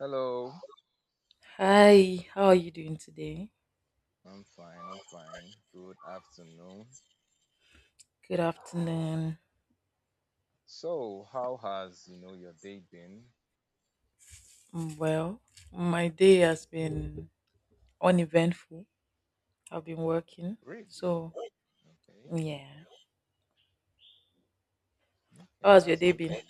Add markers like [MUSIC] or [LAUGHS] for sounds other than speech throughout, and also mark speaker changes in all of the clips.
Speaker 1: Hello.
Speaker 2: Hi, how are you doing today?
Speaker 1: I'm fine. I'm fine. Good afternoon.
Speaker 2: Good afternoon.
Speaker 1: So, how has your day been?
Speaker 2: Well, my day has been uneventful. I've been working.
Speaker 1: Really?
Speaker 2: So,
Speaker 1: Okay.
Speaker 2: yeah. How
Speaker 1: Hey,
Speaker 2: has your
Speaker 1: that's
Speaker 2: day
Speaker 1: good for
Speaker 2: been?
Speaker 1: you.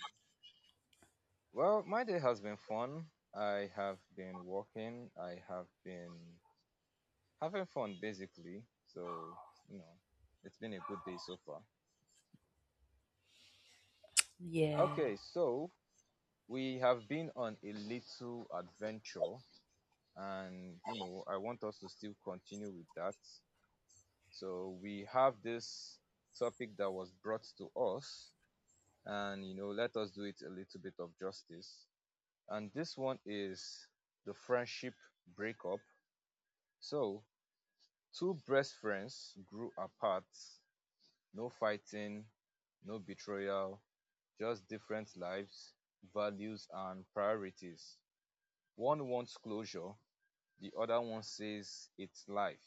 Speaker 1: Well, my day has been fun. I have been working. I have been having fun basically. So, you know, it's been a good day so far.
Speaker 2: Yeah.
Speaker 1: Okay, so we have been on a little adventure and you know, I want us to still continue with that. So we have this topic that was brought to us, and you know, let us do it a little bit of justice. And this one is the friendship breakup. So two best friends grew apart, no fighting, no betrayal, just different lives, values, and priorities. One wants closure, the other one says it's life.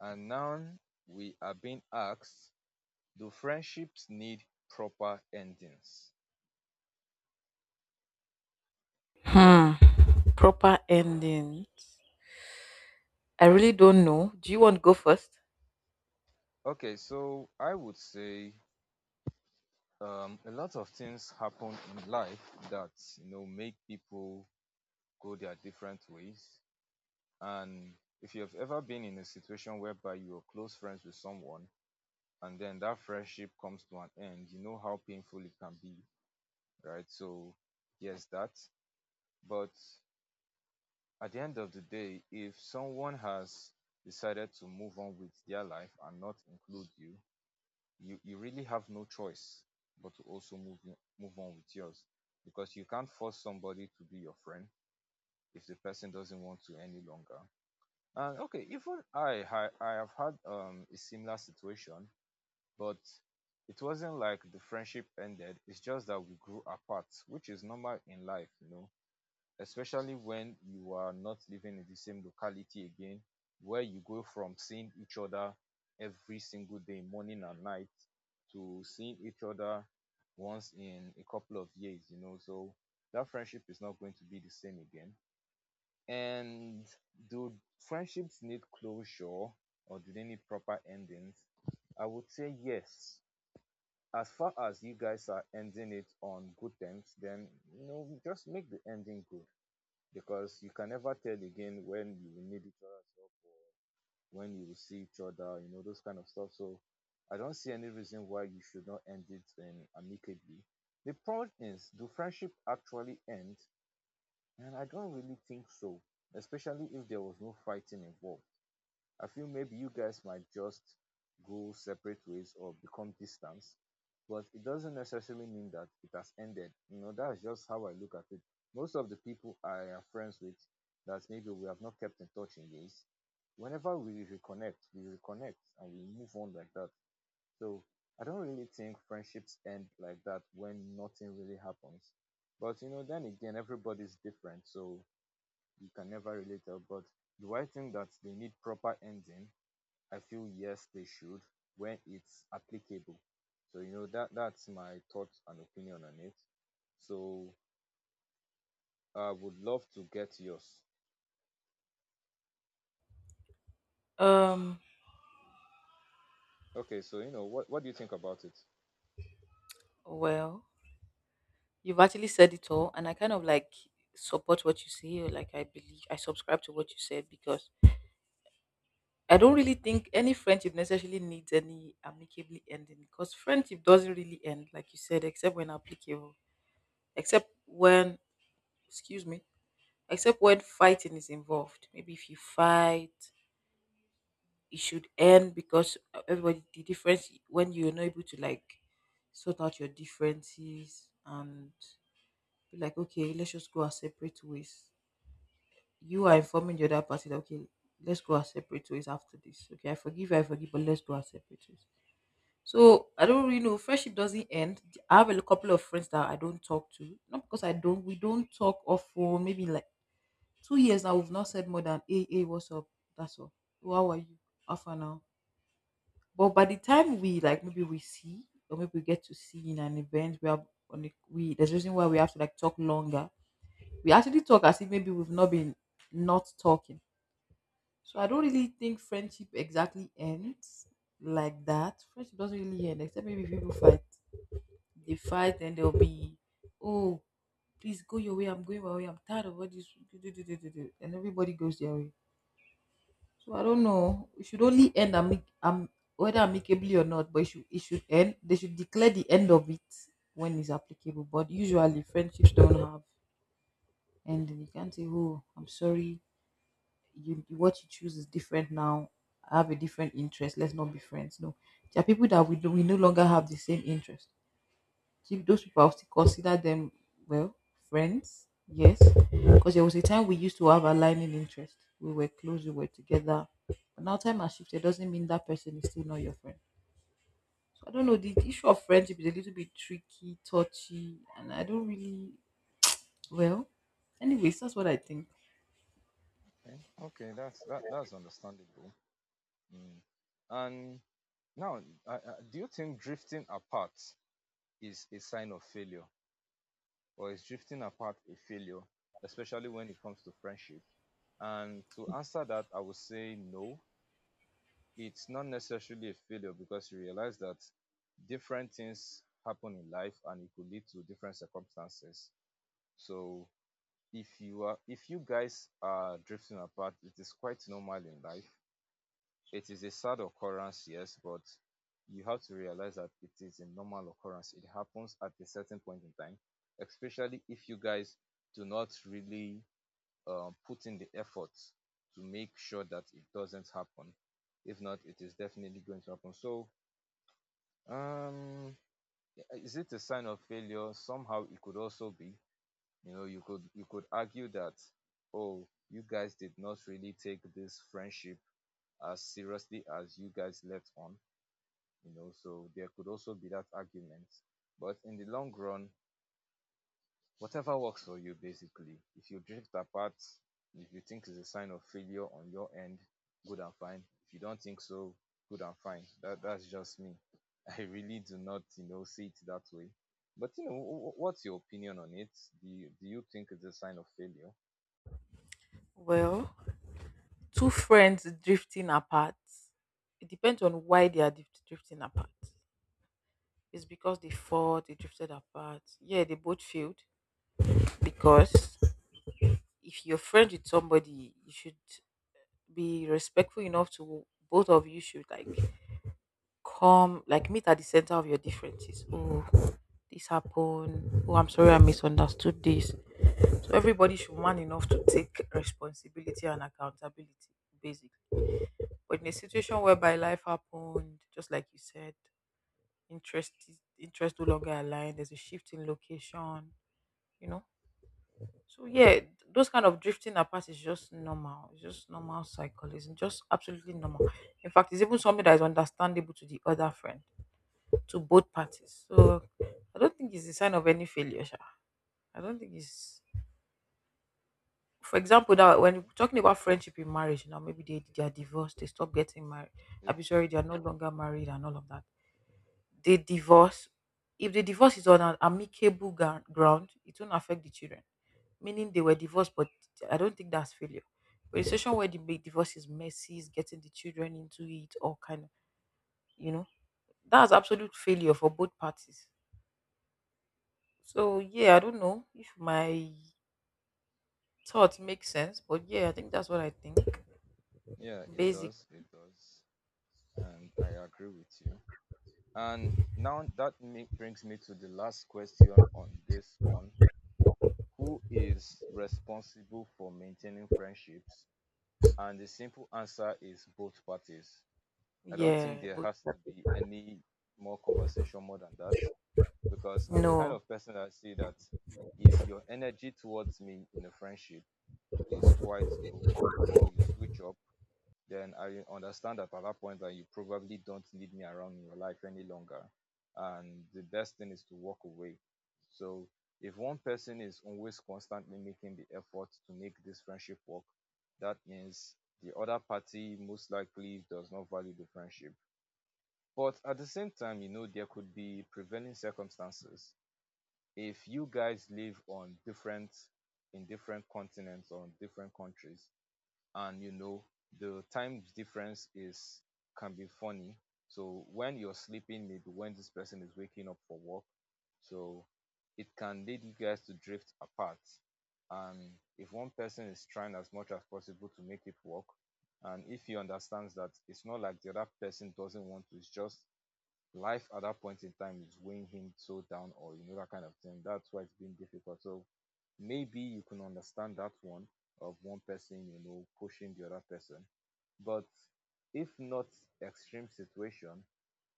Speaker 1: And now we are being asked, do friendships need proper endings?
Speaker 2: Hmm. Proper ending. I really don't know. Do you want to go first?
Speaker 1: Okay, so I would say a lot of things happen in life that you know make people go their different ways. And if you have ever been in a situation whereby you are close friends with someone and then that friendship comes to an end, you know how painful it can be, right? So yes, that. But at the end of the day, if someone has decided to move on with their life and not include you, you really have no choice but to also move on with yours because you can't force somebody to be your friend if the person doesn't want to any longer. And okay, even I have had a similar situation, but it wasn't like the friendship ended. It's just that we grew apart, which is normal in life, you know, especially when you are not living in the same locality again, where you go from seeing each other every single day morning and night to seeing each other once in a couple of years, you know. So that friendship is not going to be the same again. And do friendships need closure or do they need proper endings? I would say yes. As far as you guys are ending it on good terms, then you know, just make the ending good, because you can never tell again when you will need each other's help or when you will see each other, you know, those kind of stuff. So I don't see any reason why you should not end it amicably. The problem is, do friendship actually end? And I don't really think so, especially if there was no fighting involved. I feel maybe you guys might just go separate ways or become distance, but it doesn't necessarily mean that it has ended. You know, that's just how I look at it. Most of the people I am friends with that maybe we have not kept in touch in days, whenever we reconnect and we move on like that. So I don't really think friendships end like that when nothing really happens. But you know, then again, everybody's different, so you can never really tell. But do I think that they need proper ending? I feel yes, they should, when it's applicable. So you know that's my thoughts and opinion on it. So I would love to get yours.
Speaker 2: Um,
Speaker 1: Okay, so you know, what do you think about it?
Speaker 2: well, you've actually said it all, and I kind of like support what you say, or like I believe I subscribe to what you said because I don't really think any friendship necessarily needs any amicably ending because friendship doesn't really end, like you said, except when applicable. Except when, Excuse me, except when fighting is involved. Maybe if you fight, it should end because everybody, the difference when you're not able to like sort out your differences and be like, okay, let's just go our separate ways. You are informing the other person that, okay, let's go our separate ways after this. Okay, I forgive you, I forgive, but let's go our separate ways. So I don't really know, friendship doesn't end. I have a couple of friends that I don't talk to, not because I don't. We don't talk of for maybe like 2 years now. We've not said more than, "Hey, hey, what's up?" That's all. "Oh, how are you? How far now?" But by the time we like maybe we see or maybe we get to see in an event, we have on the we there's a reason why we have to like talk longer. We actually talk as if maybe we've not been not talking. So I don't really think friendship exactly ends like that. Friendship doesn't really end except maybe people fight. They fight, and they'll be, "Oh, please go your way. I'm going my way. I'm tired of all this. Do, do, do, do, do, do," and everybody goes their way. So I don't know. It should only end whether amicably or not, but it should end. They should declare the end of it when it's applicable. But usually, friendships don't have ending. You can't say, oh, I'm sorry. You, what you choose is different now. I have a different interest. Let's not be friends. No, there are people that we do, we no longer have the same interest, keep those people, I'll still consider them, well, friends, yes. Because there was a time we used to have aligning interest. We were close, we were together. But now time has shifted doesn't mean that person is still not your friend. So I don't know, the issue of friendship is a little bit tricky, touchy, and I don't really well. Anyways, that's what I think.
Speaker 1: Okay, okay, that's that's understandable. Mm. And now, uh, uh, do you think drifting apart is a sign of failure, or is drifting apart a failure, especially when it comes to friendship? And to answer that, I would say no. It's not necessarily a failure, because you realize that different things happen in life and it could lead to different circumstances. So if you guys are drifting apart, it is quite normal in life. It is a sad occurrence, yes, but you have to realize that it is a normal occurrence. It happens at a certain point in time, especially if you guys do not really put in the effort to make sure that it doesn't happen. If not, it is definitely going to happen. So, um, is it a sign of failure? Somehow, it could also be. You know, you could argue that, oh, you guys did not really take this friendship as seriously as you guys let on. You know, so there could also be that argument. But in the long run, whatever works for you basically. If you drift apart, if you think it's a sign of failure on your end, good and fine. If you don't think so, good and fine. That that's just me. [LAUGHS] I really do not, you know, see it that way. But you know, what's your opinion on it? Do you think it's a sign of failure?
Speaker 2: Well, two friends drifting apart. It depends on why they are drifting apart. It's because they fought, they drifted apart. Yeah, they both failed because if you're friends with somebody, you should be respectful enough to, both of you should like come like meet at the center of your differences. Oh, this happened. Oh, I'm sorry I misunderstood this. So everybody should man enough to take responsibility and accountability, basically. But in a situation whereby life happened, just like you said, interest interest no longer aligned, there's a shift in location, you know. So yeah, those kind of drifting apart is just normal. It's just normal cycle. It's just absolutely normal. In fact, it's even something that is understandable to the other friend, to both parties. So I don't think it's a sign of any failure. Sha. I don't think it's. For example, that when you're
Speaker 1: Okay.
Speaker 2: talking about friendship in marriage, now maybe they are divorced, they stop getting married.
Speaker 1: Yeah,
Speaker 2: I'm sorry, they are no longer married and all of that. They divorce. If the divorce is on an amicable ground, it won't affect the children, meaning they were divorced, but I don't think that's failure. But a, yeah, situation where the big divorce is messy, is getting the children into it, or kind of, you know, that's absolute failure for both parties. So yeah, I don't know if my thoughts make sense, but yeah, I think that's what I think.
Speaker 1: yeah, it
Speaker 2: Basic,
Speaker 1: does. It does. And I agree with you. And now that ma- brings me to the last question on this one. Who is responsible for maintaining friendships? And the simple answer is both parties. I don't think
Speaker 2: yeah,
Speaker 1: there
Speaker 2: but
Speaker 1: has to be any more conversation more than that, because I'm the kind
Speaker 2: no.
Speaker 1: of person that see that if your energy towards me in a friendship is quite low or you switch up, then I understand that at that point that you probably don't need me around in your life any longer. And the best thing is to walk away. So if one person is always constantly making the effort to make this friendship work, that means the other party most likely does not value the friendship. But at the same time, you know, there could be prevailing circumstances. If you guys live on different in different continents or in different countries, and you know the time difference is can be funny. So when you're sleeping, maybe when this person is waking up for work, so it can lead you guys to drift apart. And if one person is trying as much as possible to make it work, and if he understands that it's not like the other person doesn't want to, it's just life at that point in time is weighing him so down, or you know, that kind of thing, that's why it's been difficult. So maybe you can understand that one person, you know, pushing the other person. But if not extreme situation,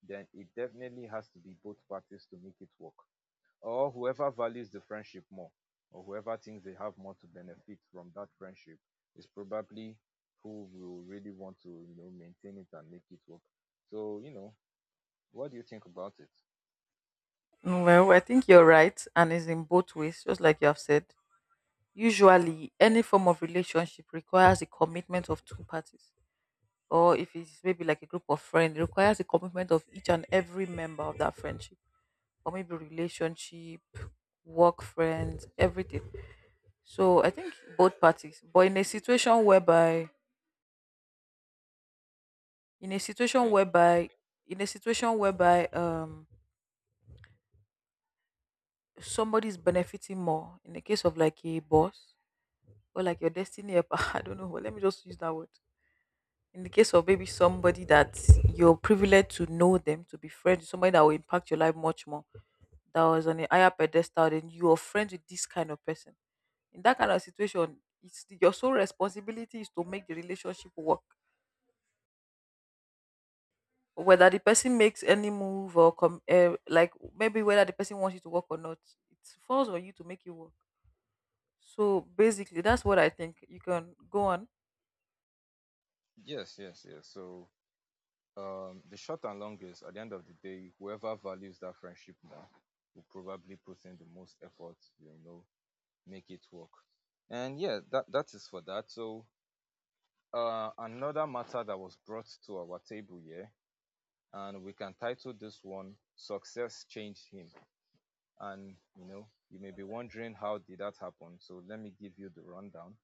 Speaker 1: then it definitely has to be both parties to make it work, or whoever values the friendship more, or whoever thinks they have more to benefit from that friendship, is probably who will really want to, you know, maintain it and make it work. So you know, what do you think about it?
Speaker 2: Well, I think you're right, and it's in both ways, just like you have said. Usually, any form of relationship requires a commitment of two parties or if it's maybe like a group of friends, it requires the commitment of each and every member of that friendship, or maybe relationship, work friends, everything. So I think both parties. But in a situation
Speaker 1: Okay.
Speaker 2: whereby, in a situation whereby, somebody's benefiting more. In the case of like a boss or like your destiny helper, [LAUGHS] I don't know. But let me just use that word. In the case of maybe somebody that you're privileged to know them, to be friends, somebody that will impact your life much more, that was on a higher pedestal than you, are friends with this kind of person, in that kind of situation, it's your sole responsibility is to make the relationship work, whether the person makes any move or like maybe whether the person wants you to work or not, it falls on you to make it work. So basically that's what I think. You can go on.
Speaker 1: Yes, yes, yes. So the short and long is at the end of the day, whoever values that friendship more will probably put in the most effort, you know, make it work. And yeah, that is for that. So another matter that was brought to our table here, and we can title this one Success Changed Him. And you know, you may be wondering, how did that happen? So let me give you the rundown.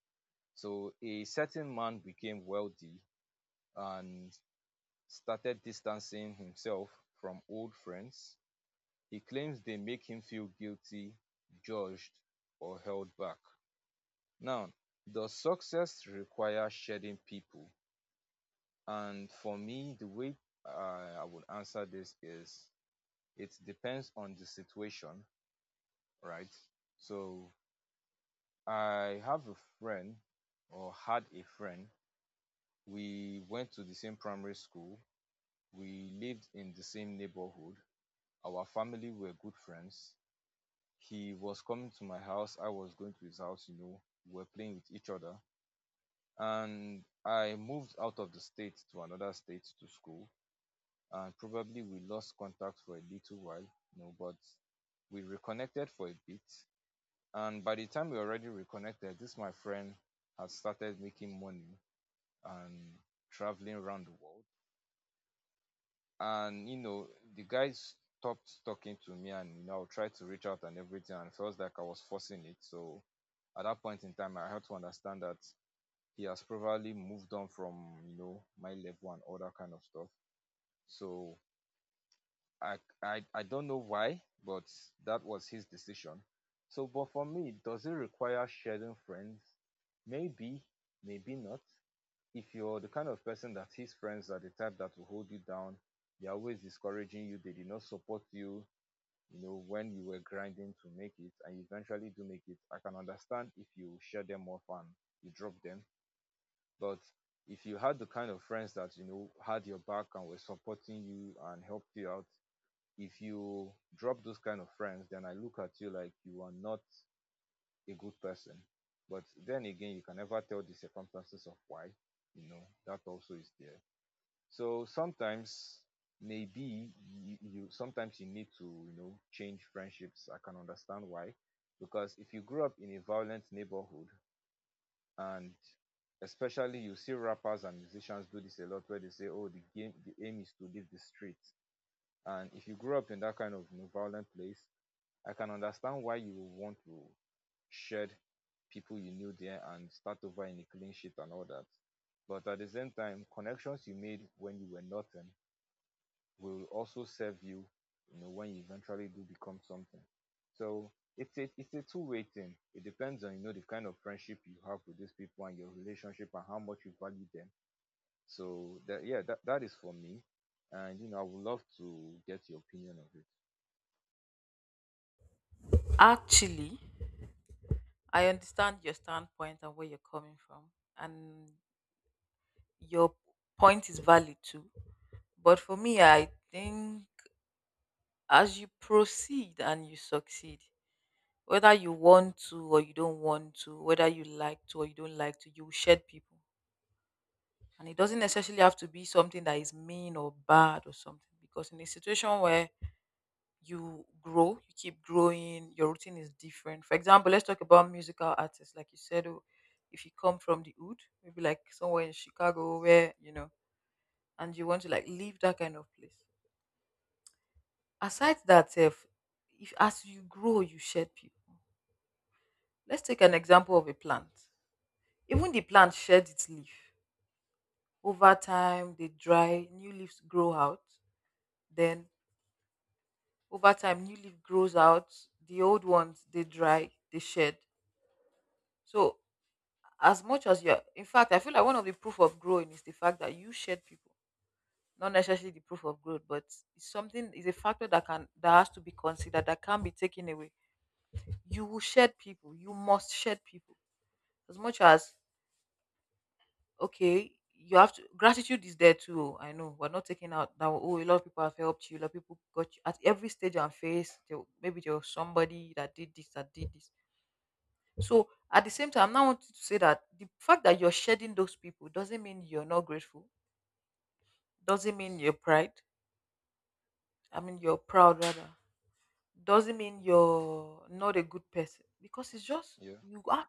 Speaker 1: So a certain man became wealthy and started distancing himself from old friends. He claims they make him feel guilty, judged, or held back. Now, does success require shedding people? And for me, the way uh, I would answer this is it depends on the situation, right? So, I have a friend, or had a friend. We went to the same primary school, we lived in the same neighborhood, our family were good friends. He was coming to my house, I was going to his house, you know. We were playing with each other. And I moved out of the state to another state to school. And probably we lost contact for a little while, you know, but we reconnected for a bit. And by the time we already reconnected, this my friend had started making money and traveling around the world. And you know, the guy stopped talking to me, and you know, tried to reach out and everything, and it felt like I was forcing it. So at that point in time, I had to understand that he has probably moved on from, you know, my level and all that kind of stuff. So I don't know why, but that was his decision. So, but for me, does it require shedding friends? Maybe, maybe not. If you're the kind of person that his friends are the type that will hold you down, they're always discouraging you, they did not support you, you know, when you were grinding to make it, and you eventually do make it, I can understand if you share them off and you drop them. But if you had the kind of friends that, you know, had your back and were supporting you and helped you out, if you drop those kind of friends, then I look at you like you are not a good person. But then again, you can never tell the circumstances of why, you know, that also is there. So sometimes maybe you sometimes you need to change friendships. I can understand why, because if you grew up in a violent neighborhood and especially you see rappers and musicians do this a lot where they say, oh, the game, the aim is to leave the street. And if you grew up in that kind of, you know, violent place, I can understand why you would want to shed people you knew there and start over in a clean sheet and all that. But at the same time, connections you made when you were nothing will also serve you, you know, when you eventually do become something. So it's a two-way thing. It depends on, you know, the kind of friendship you have with these people and your relationship and how much you value them. So that, yeah, that is for me. And you know, I would love to get your opinion of it.
Speaker 2: Actually, I understand your standpoint and where you're coming from, and your point is valid too. But for me, I think as you proceed and you succeed, whether you want to or you don't want to, whether you like to or you don't like to, you will shed people. And it doesn't necessarily have to be something that is mean or bad or something. Because in a situation where you grow, you keep growing, your routine is different. For example, let's talk about musical artists. Like you said, oh, if you come from the hood, maybe like somewhere in Chicago where, you know, and you want to like leave that kind of place. Aside that, if as you grow, you shed people. Let's take an example of a plant. Even the plant sheds its leaf. Over time, they dry, new leaves grow out. Then, over time, new leaf grows out. The old ones, they dry, they shed. So, as much as you're, in fact, I feel like one of the proof of growing is the fact that you shed people. Not necessarily the proof of growth, but it's something, is a factor that can, that has to be considered, that can't be taken away. You will shed people. You must shed people. As much as okay, you have to, gratitude is there too. Oh, I know we're not taking out that, oh, a lot of people have helped you, a lot of people got you at every stage and phase. There, maybe there was somebody that did this, that did this. So at the same time, I now want to say that the fact that you're shedding those people doesn't mean you're not grateful. Doesn't mean you're pride. I mean you're proud rather. Doesn't mean you're not a good person because it's just
Speaker 1: Yeah.
Speaker 2: you are.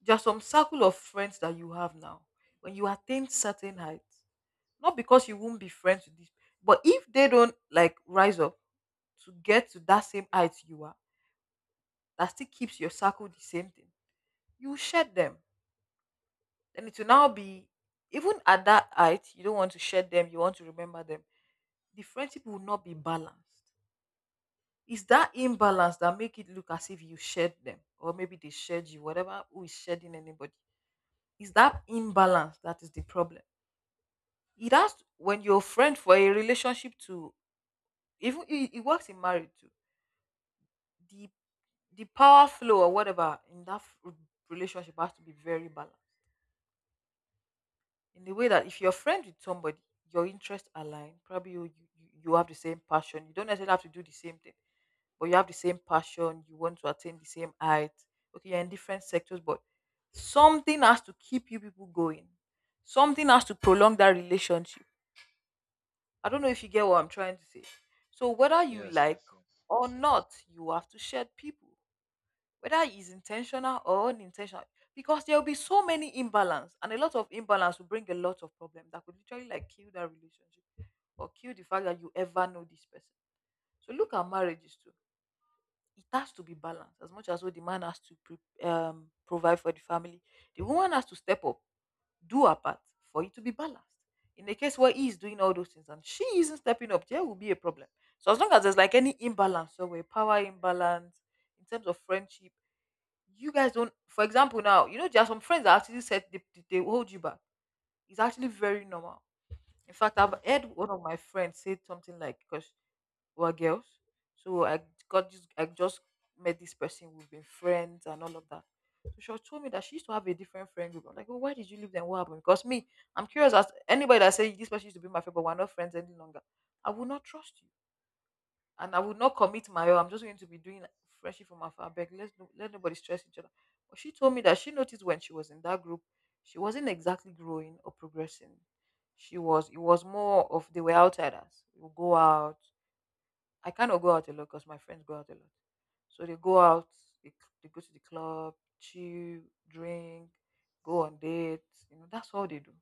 Speaker 2: There's some circle of friends that you have now. When you attain certain heights, not because you won't be friends with these, but if they don't like rise up to get to that same height you are, that still keeps your circle the same thing. You shed them, then it will now be, even at that height you don't want to shed them. You want to remember them. The friendship will not be balanced. It's that imbalance that make it look as if you shed them, or maybe they shed you. Whatever, who is shedding anybody, it's that imbalance that is the problem. It has when you're a friend for a relationship to, even it, it works in marriage too. The the power flow or whatever in that relationship has to be very balanced in the way that if you're friends with somebody your interests align. Probably you have the same passion. You don't necessarily have to do the same thing, but you have the same passion. You want to attain the same height. Okay, you're in different sectors, but something has to keep you people going. Something has to prolong that relationship. I don't know if you get what I'm trying to say. So whether you
Speaker 1: Yes.
Speaker 2: like
Speaker 1: Yes. Yes.
Speaker 2: or not, you have to shed people, whether it's intentional or unintentional, because there will be so many imbalance and a lot of imbalance will bring a lot of problem that could literally like kill that relationship or kill the fact that you ever know this person. So look at marriages too. It has to be balanced. As much as well, the man has to provide for the family. The woman has to step up, do her part for it to be balanced. In the case where he is doing all those things and she isn't stepping up, there will be a problem. So as long as there's like any imbalance, so a power imbalance in terms of friendship, you guys don't, for example, now, there are some friends that actually said they hold you back. It's actually very normal. In fact, I've
Speaker 1: Yeah.
Speaker 2: heard one of my friends say something like, because we're girls, so I got this, I just met this person, we've been friends and all of that. So she was told me that she used to have a different friend group. I'm like, well, why did you leave them? What happened? Because me, I'm curious as anybody that say this person used to be my friend, but we're not friends any longer. I will not trust you and I would not commit my own. I'm just going to be doing freshly from afar. Beg, let no, let nobody stress each other. But she told me that she noticed when she was in that group, she wasn't exactly growing or progressing. She was. It was more of they were outsiders. We would go out. I cannot go out a lot because my friends go out a lot. So they go out. They, they go to the club, chill, drink, go on dates. That's all they do.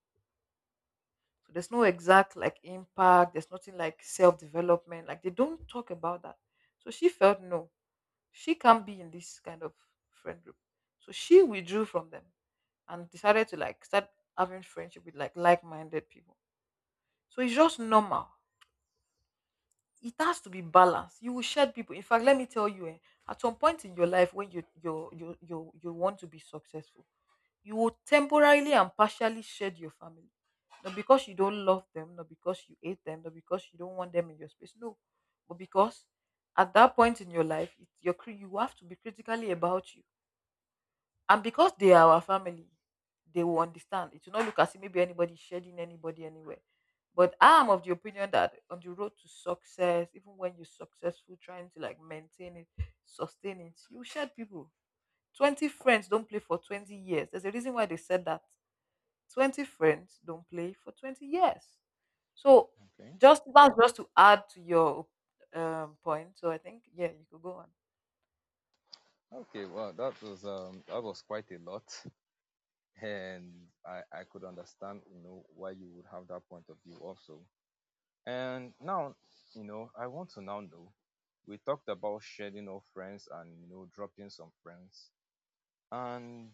Speaker 2: So there's no exact like impact. There's nothing like self development. Like they don't talk about that. So she felt no, she can't be in this kind of friend group. So she withdrew from them and decided to like start having friendship with like minded people. So it's just normal. It has to be balanced. You will shed people. In fact, let me tell you, eh, at some point in your life when you want to be successful, you will temporarily and partially shed your family. Not because you don't love them, not because you hate them, not because you don't want them in your space. No. But because at that point in your life, you have to be critically about you. And because they are our family, they will understand. It will not look as if maybe anybody shedding anybody anywhere. But I am of the opinion that on the road to success, even when you're successful, trying to like maintain it, sustain it, you shed people. 20 friends don't play for 20 years. There's a reason why they said that. 20 friends don't play for 20 years. So
Speaker 1: Okay.
Speaker 2: just that's just to add to your point. So I think, yeah, you could go on.
Speaker 1: Okay. Well, that was quite a lot, and I could understand, you know, why you would have that point of view also. And now, you know, I want to now know. We talked about shedding old friends and, you know, dropping some friends. And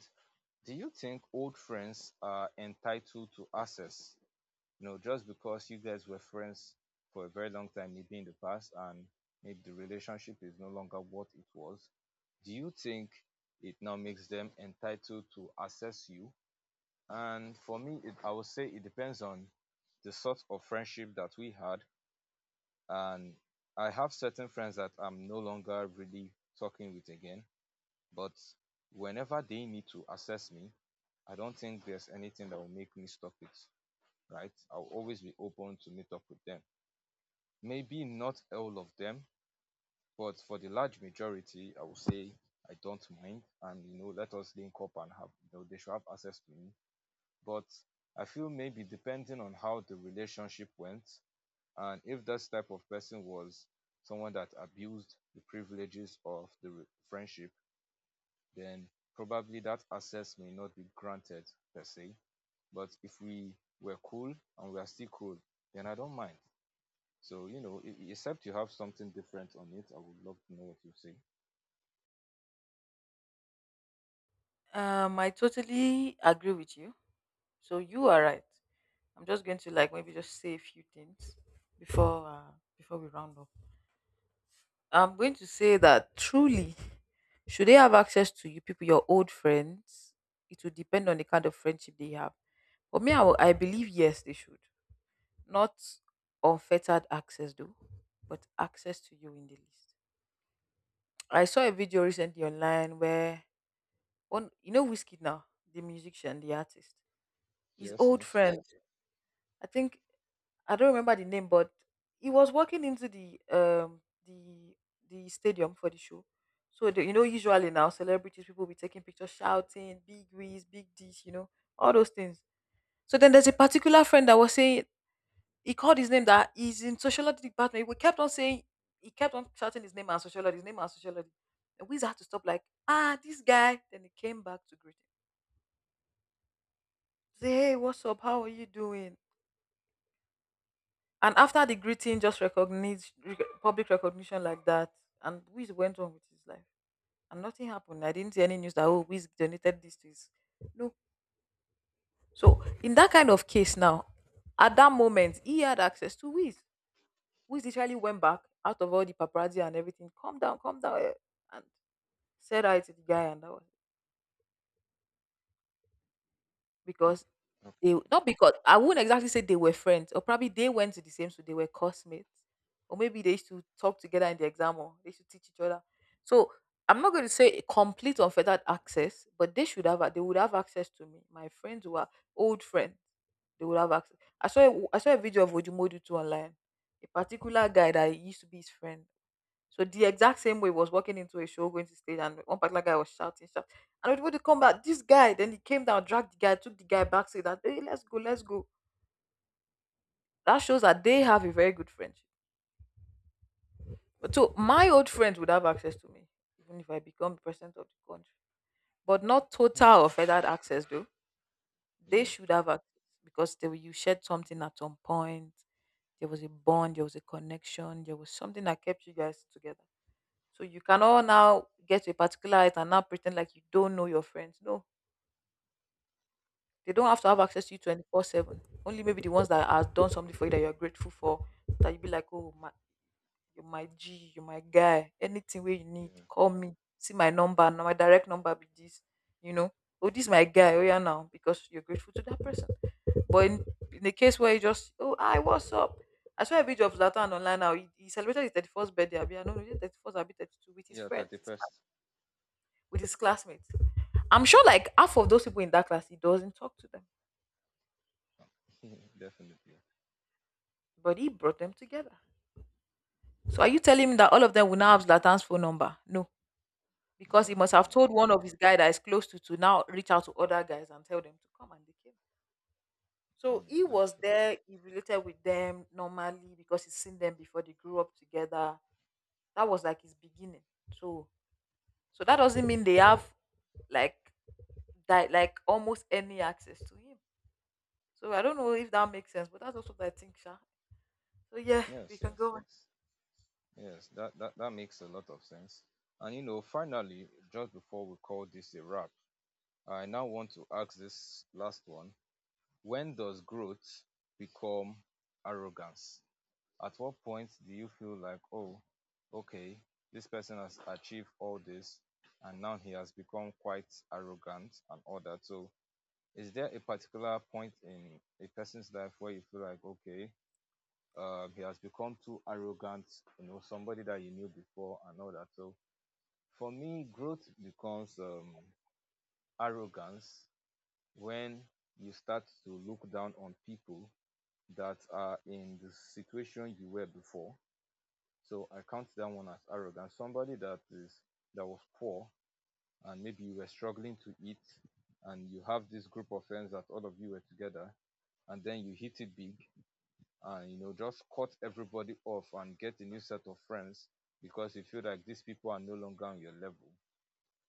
Speaker 1: do you think old friends are entitled to access? You know, just because you guys were friends for a very long time, maybe in the past, and maybe the relationship is no longer what it was. Do you think it now makes them entitled to access you? And for me, I would say it depends on the sort of friendship that we had, and I have certain friends that I'm no longer really talking with again. But whenever they need to assess me, I don't think there's anything that will make me stop it, right? I'll always be open to meet up with them. Maybe not all of them, but for the large majority, I will say I don't mind, and you know, let us link up and have, you know, they should have access to me. But I feel maybe depending on how the relationship went, and if this type of person was someone that abused the privileges of the friendship, then probably that access may not be granted per se. But if we were cool and we are still cool, then I don't mind. So, you know, except you have something different on it, I would love to know what you say.
Speaker 2: I totally agree with you. So you are right. I'm just going to like maybe just say a few things before uh, before we round up. I'm going to say that truly, should they have access to you people, your old friends, it will depend on the kind of friendship they have. For me, I believe yes, they should. Not unfettered access though, but access to you in the list. I saw a video recently online where one Whiskey now, the musician, the artist. His
Speaker 1: Yes,
Speaker 2: old
Speaker 1: yes.
Speaker 2: friend, I think I don't remember the name, but he was walking into the stadium for the show. So usually now celebrities people be taking pictures, shouting, big whiz, big dish, all those things. So then there's a particular friend that was saying he called his name that he's in sociology department. We kept on saying he kept on shouting his name and sociology, his name and sociology. And we had to stop, like, ah, this guy. Then he came back to greet him. Say, hey, what's up? How are you doing? And after the greeting, just public recognition like that. And Wiz went on with his life. And nothing happened. I didn't see any news that oh Wiz donated this to his no. So in that kind of case now, at that moment he had access to Wiz, who literally went back out of all the paparazzi and everything, calm down, eh, and said hi to the guy, and that was because they
Speaker 1: Okay. [LAUGHS]
Speaker 2: not because I wouldn't exactly say they were friends, or probably they went to the same school, they were classmates, or maybe they used to talk together in the exam, or they should teach each other. So I'm not going to say a complete unfettered access, but they should have. They would have access to me. My friends who are old friends, they would have access. I saw a video of Ojumodu too online. A particular guy that used to be his friend. So the exact same way was walking into a show, going to stage, and one particular guy was shouting, shout. And everybody would come back, this guy, then he came down, dragged the guy, took the guy back, said that, hey, let's go, let's go. That shows that they have a very good friendship. But so my old friends would have access to me, even if I become the president of the country. But not total or feathered access though. They
Speaker 1: Yeah.
Speaker 2: should have access because you shared something at some point. There was a bond, there was a connection, there was something that kept you guys together. So you cannot now get to a particular height and now pretend like you don't know your friends. No, they don't have to have
Speaker 1: Hmm.
Speaker 2: access to you 24/7. Only maybe the ones that have done something for you that you're grateful for, that you be like, oh, my, you're my G, you're my guy. Anything where you need,
Speaker 1: Yeah.
Speaker 2: call me. See my number, now my direct number be this, you know. Oh, this my guy. Oh, yeah, now because you're grateful to that person. But in the case where you just, oh, I what's up? I saw a video of Zlatan online now. He celebrated his 31st birthday. I be, I don't know, is 31st, I be 32 with his
Speaker 1: Yeah,
Speaker 2: friends,
Speaker 1: 31st.
Speaker 2: with his classmates. I'm sure like half of those people in that class, he doesn't talk to them,
Speaker 1: [LAUGHS] Definitely.
Speaker 2: but he brought them together. So are you telling me
Speaker 1: Hmm.
Speaker 2: that all of them will now have Zlatan's phone number? No, because he
Speaker 1: No,
Speaker 2: must
Speaker 1: no,
Speaker 2: have
Speaker 1: no.
Speaker 2: told one of his guy that is close to now reach out to other guys and tell them to come, and they came. So
Speaker 1: Hmm.
Speaker 2: he
Speaker 1: That's
Speaker 2: was
Speaker 1: true.
Speaker 2: there. He related with them normally because he's seen them before. They grew up together. That was like his beginning. So that doesn't mean they have like that like almost any access to him. So I don't know if that makes sense, but that's also what I think, Sha. So yeah,
Speaker 1: Yes,
Speaker 2: we can
Speaker 1: yes,
Speaker 2: go on.
Speaker 1: yes. Yes, that makes a lot of sense. And you know, finally, just before we call this a wrap, I now want to ask this last one. When does growth become arrogance? At what point do you feel like, oh, okay, this person has achieved all this and now he has become quite arrogant and all that? So, is there a particular point in a person's life where you feel like, okay, he has become too arrogant, you know, somebody that you knew before and all that. So for me, growth becomes arrogance when you start to look down on people that are in the situation you were before. So I count that one as arrogance. Somebody that was poor and maybe you were struggling to eat, and you have this group of friends that all of you were together, and then you hit it big and you know just cut everybody off and get a new set of friends because you feel like these people are no longer on your level,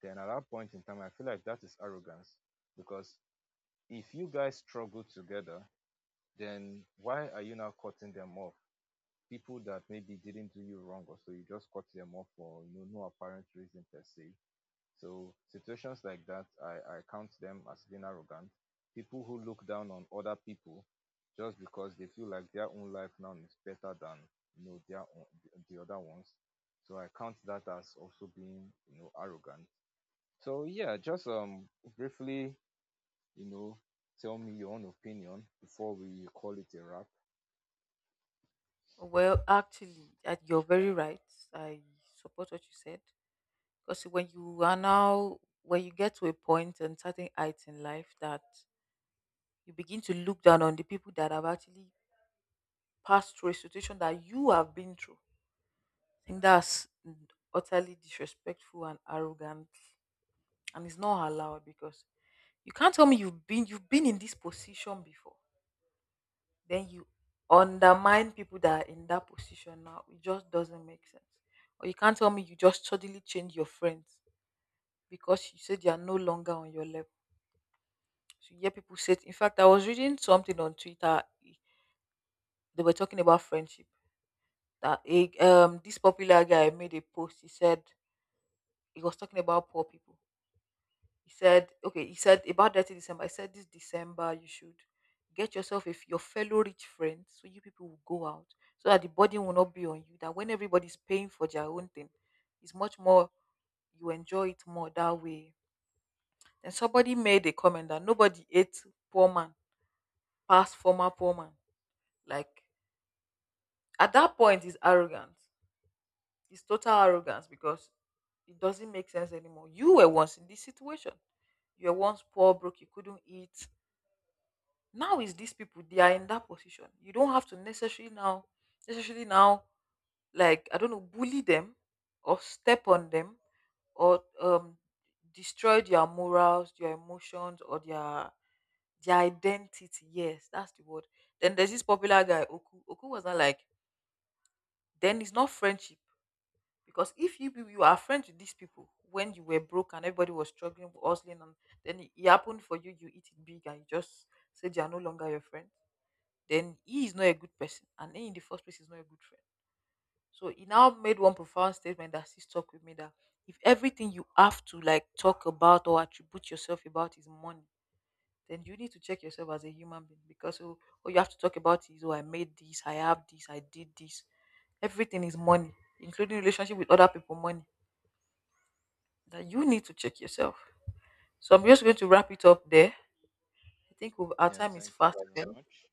Speaker 1: then at that point in time I feel like that is arrogance. Because if you guys struggle together, then why are you now cutting them off? People that maybe didn't do you wrong or so, you just cut them off for, you know, no apparent reason per se. So situations like that, I count them as being arrogant. People who look down on other people just because they feel like their own life now is better than, you know, their own, the other ones. So I count that as also being, you know, arrogant. So yeah, just briefly, you know, tell me your own opinion before we call it a wrap.
Speaker 2: Well, actually, you're very right. I support what you said because when you get to a point and certain heights in life that you begin to look down on the people that have actually passed through a situation that you have been through, I think that's utterly disrespectful and arrogant, and it's not allowed because you can't tell me you've been in this position before, then you undermine people that are in that position now. It just doesn't make sense. Or you can't tell me you just suddenly change your friends because you said they are no longer on your level. So you hear people say. In fact, I was reading something on Twitter. They were talking about friendship. That this popular guy made a post. He said he was talking about poor people. He said, okay, he said about that in December. I said, this December, you should get yourself if your fellow rich friends, so you people will go out so that the burden will not be on you. That when everybody's paying for their own thing, it's much more, you enjoy it more that way. And somebody made a comment that nobody ate poor man, past former poor man. Like, at that point, it's arrogance. It's total arrogance because it doesn't make sense anymore. You were once in this situation. You were once poor, broke, you couldn't eat, now is these people they are in that position you don't have to necessarily now like I don't know bully them or step on them or destroy their morals, their emotions, or their identity. Yes, that's the word. Then there's this popular guy oku oku was not like, then it's not friendship because if you are friends with these people when you were broke and everybody was struggling hustling and then it happened for you eat it big and you just said they are no longer your friend, then he is not a good person and he in the first place is not a good friend. So he now made one profound statement that still stuck with me that if everything you have to like talk about or attribute yourself about is money, then you need to check yourself as a human being because oh you have to talk about is oh I made this I have this I did this, everything is money, including relationship with other people money, that you need to check yourself. So I'm just going to wrap it up there. I think our
Speaker 1: Yeah,
Speaker 2: time is
Speaker 1: thank you
Speaker 2: fast
Speaker 1: very
Speaker 2: spent.
Speaker 1: much.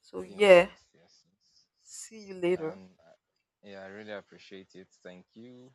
Speaker 2: So
Speaker 1: Yes,
Speaker 2: yeah,
Speaker 1: yes, yes, yes.
Speaker 2: see you later.
Speaker 1: And yeah, I really appreciate it. Thank you.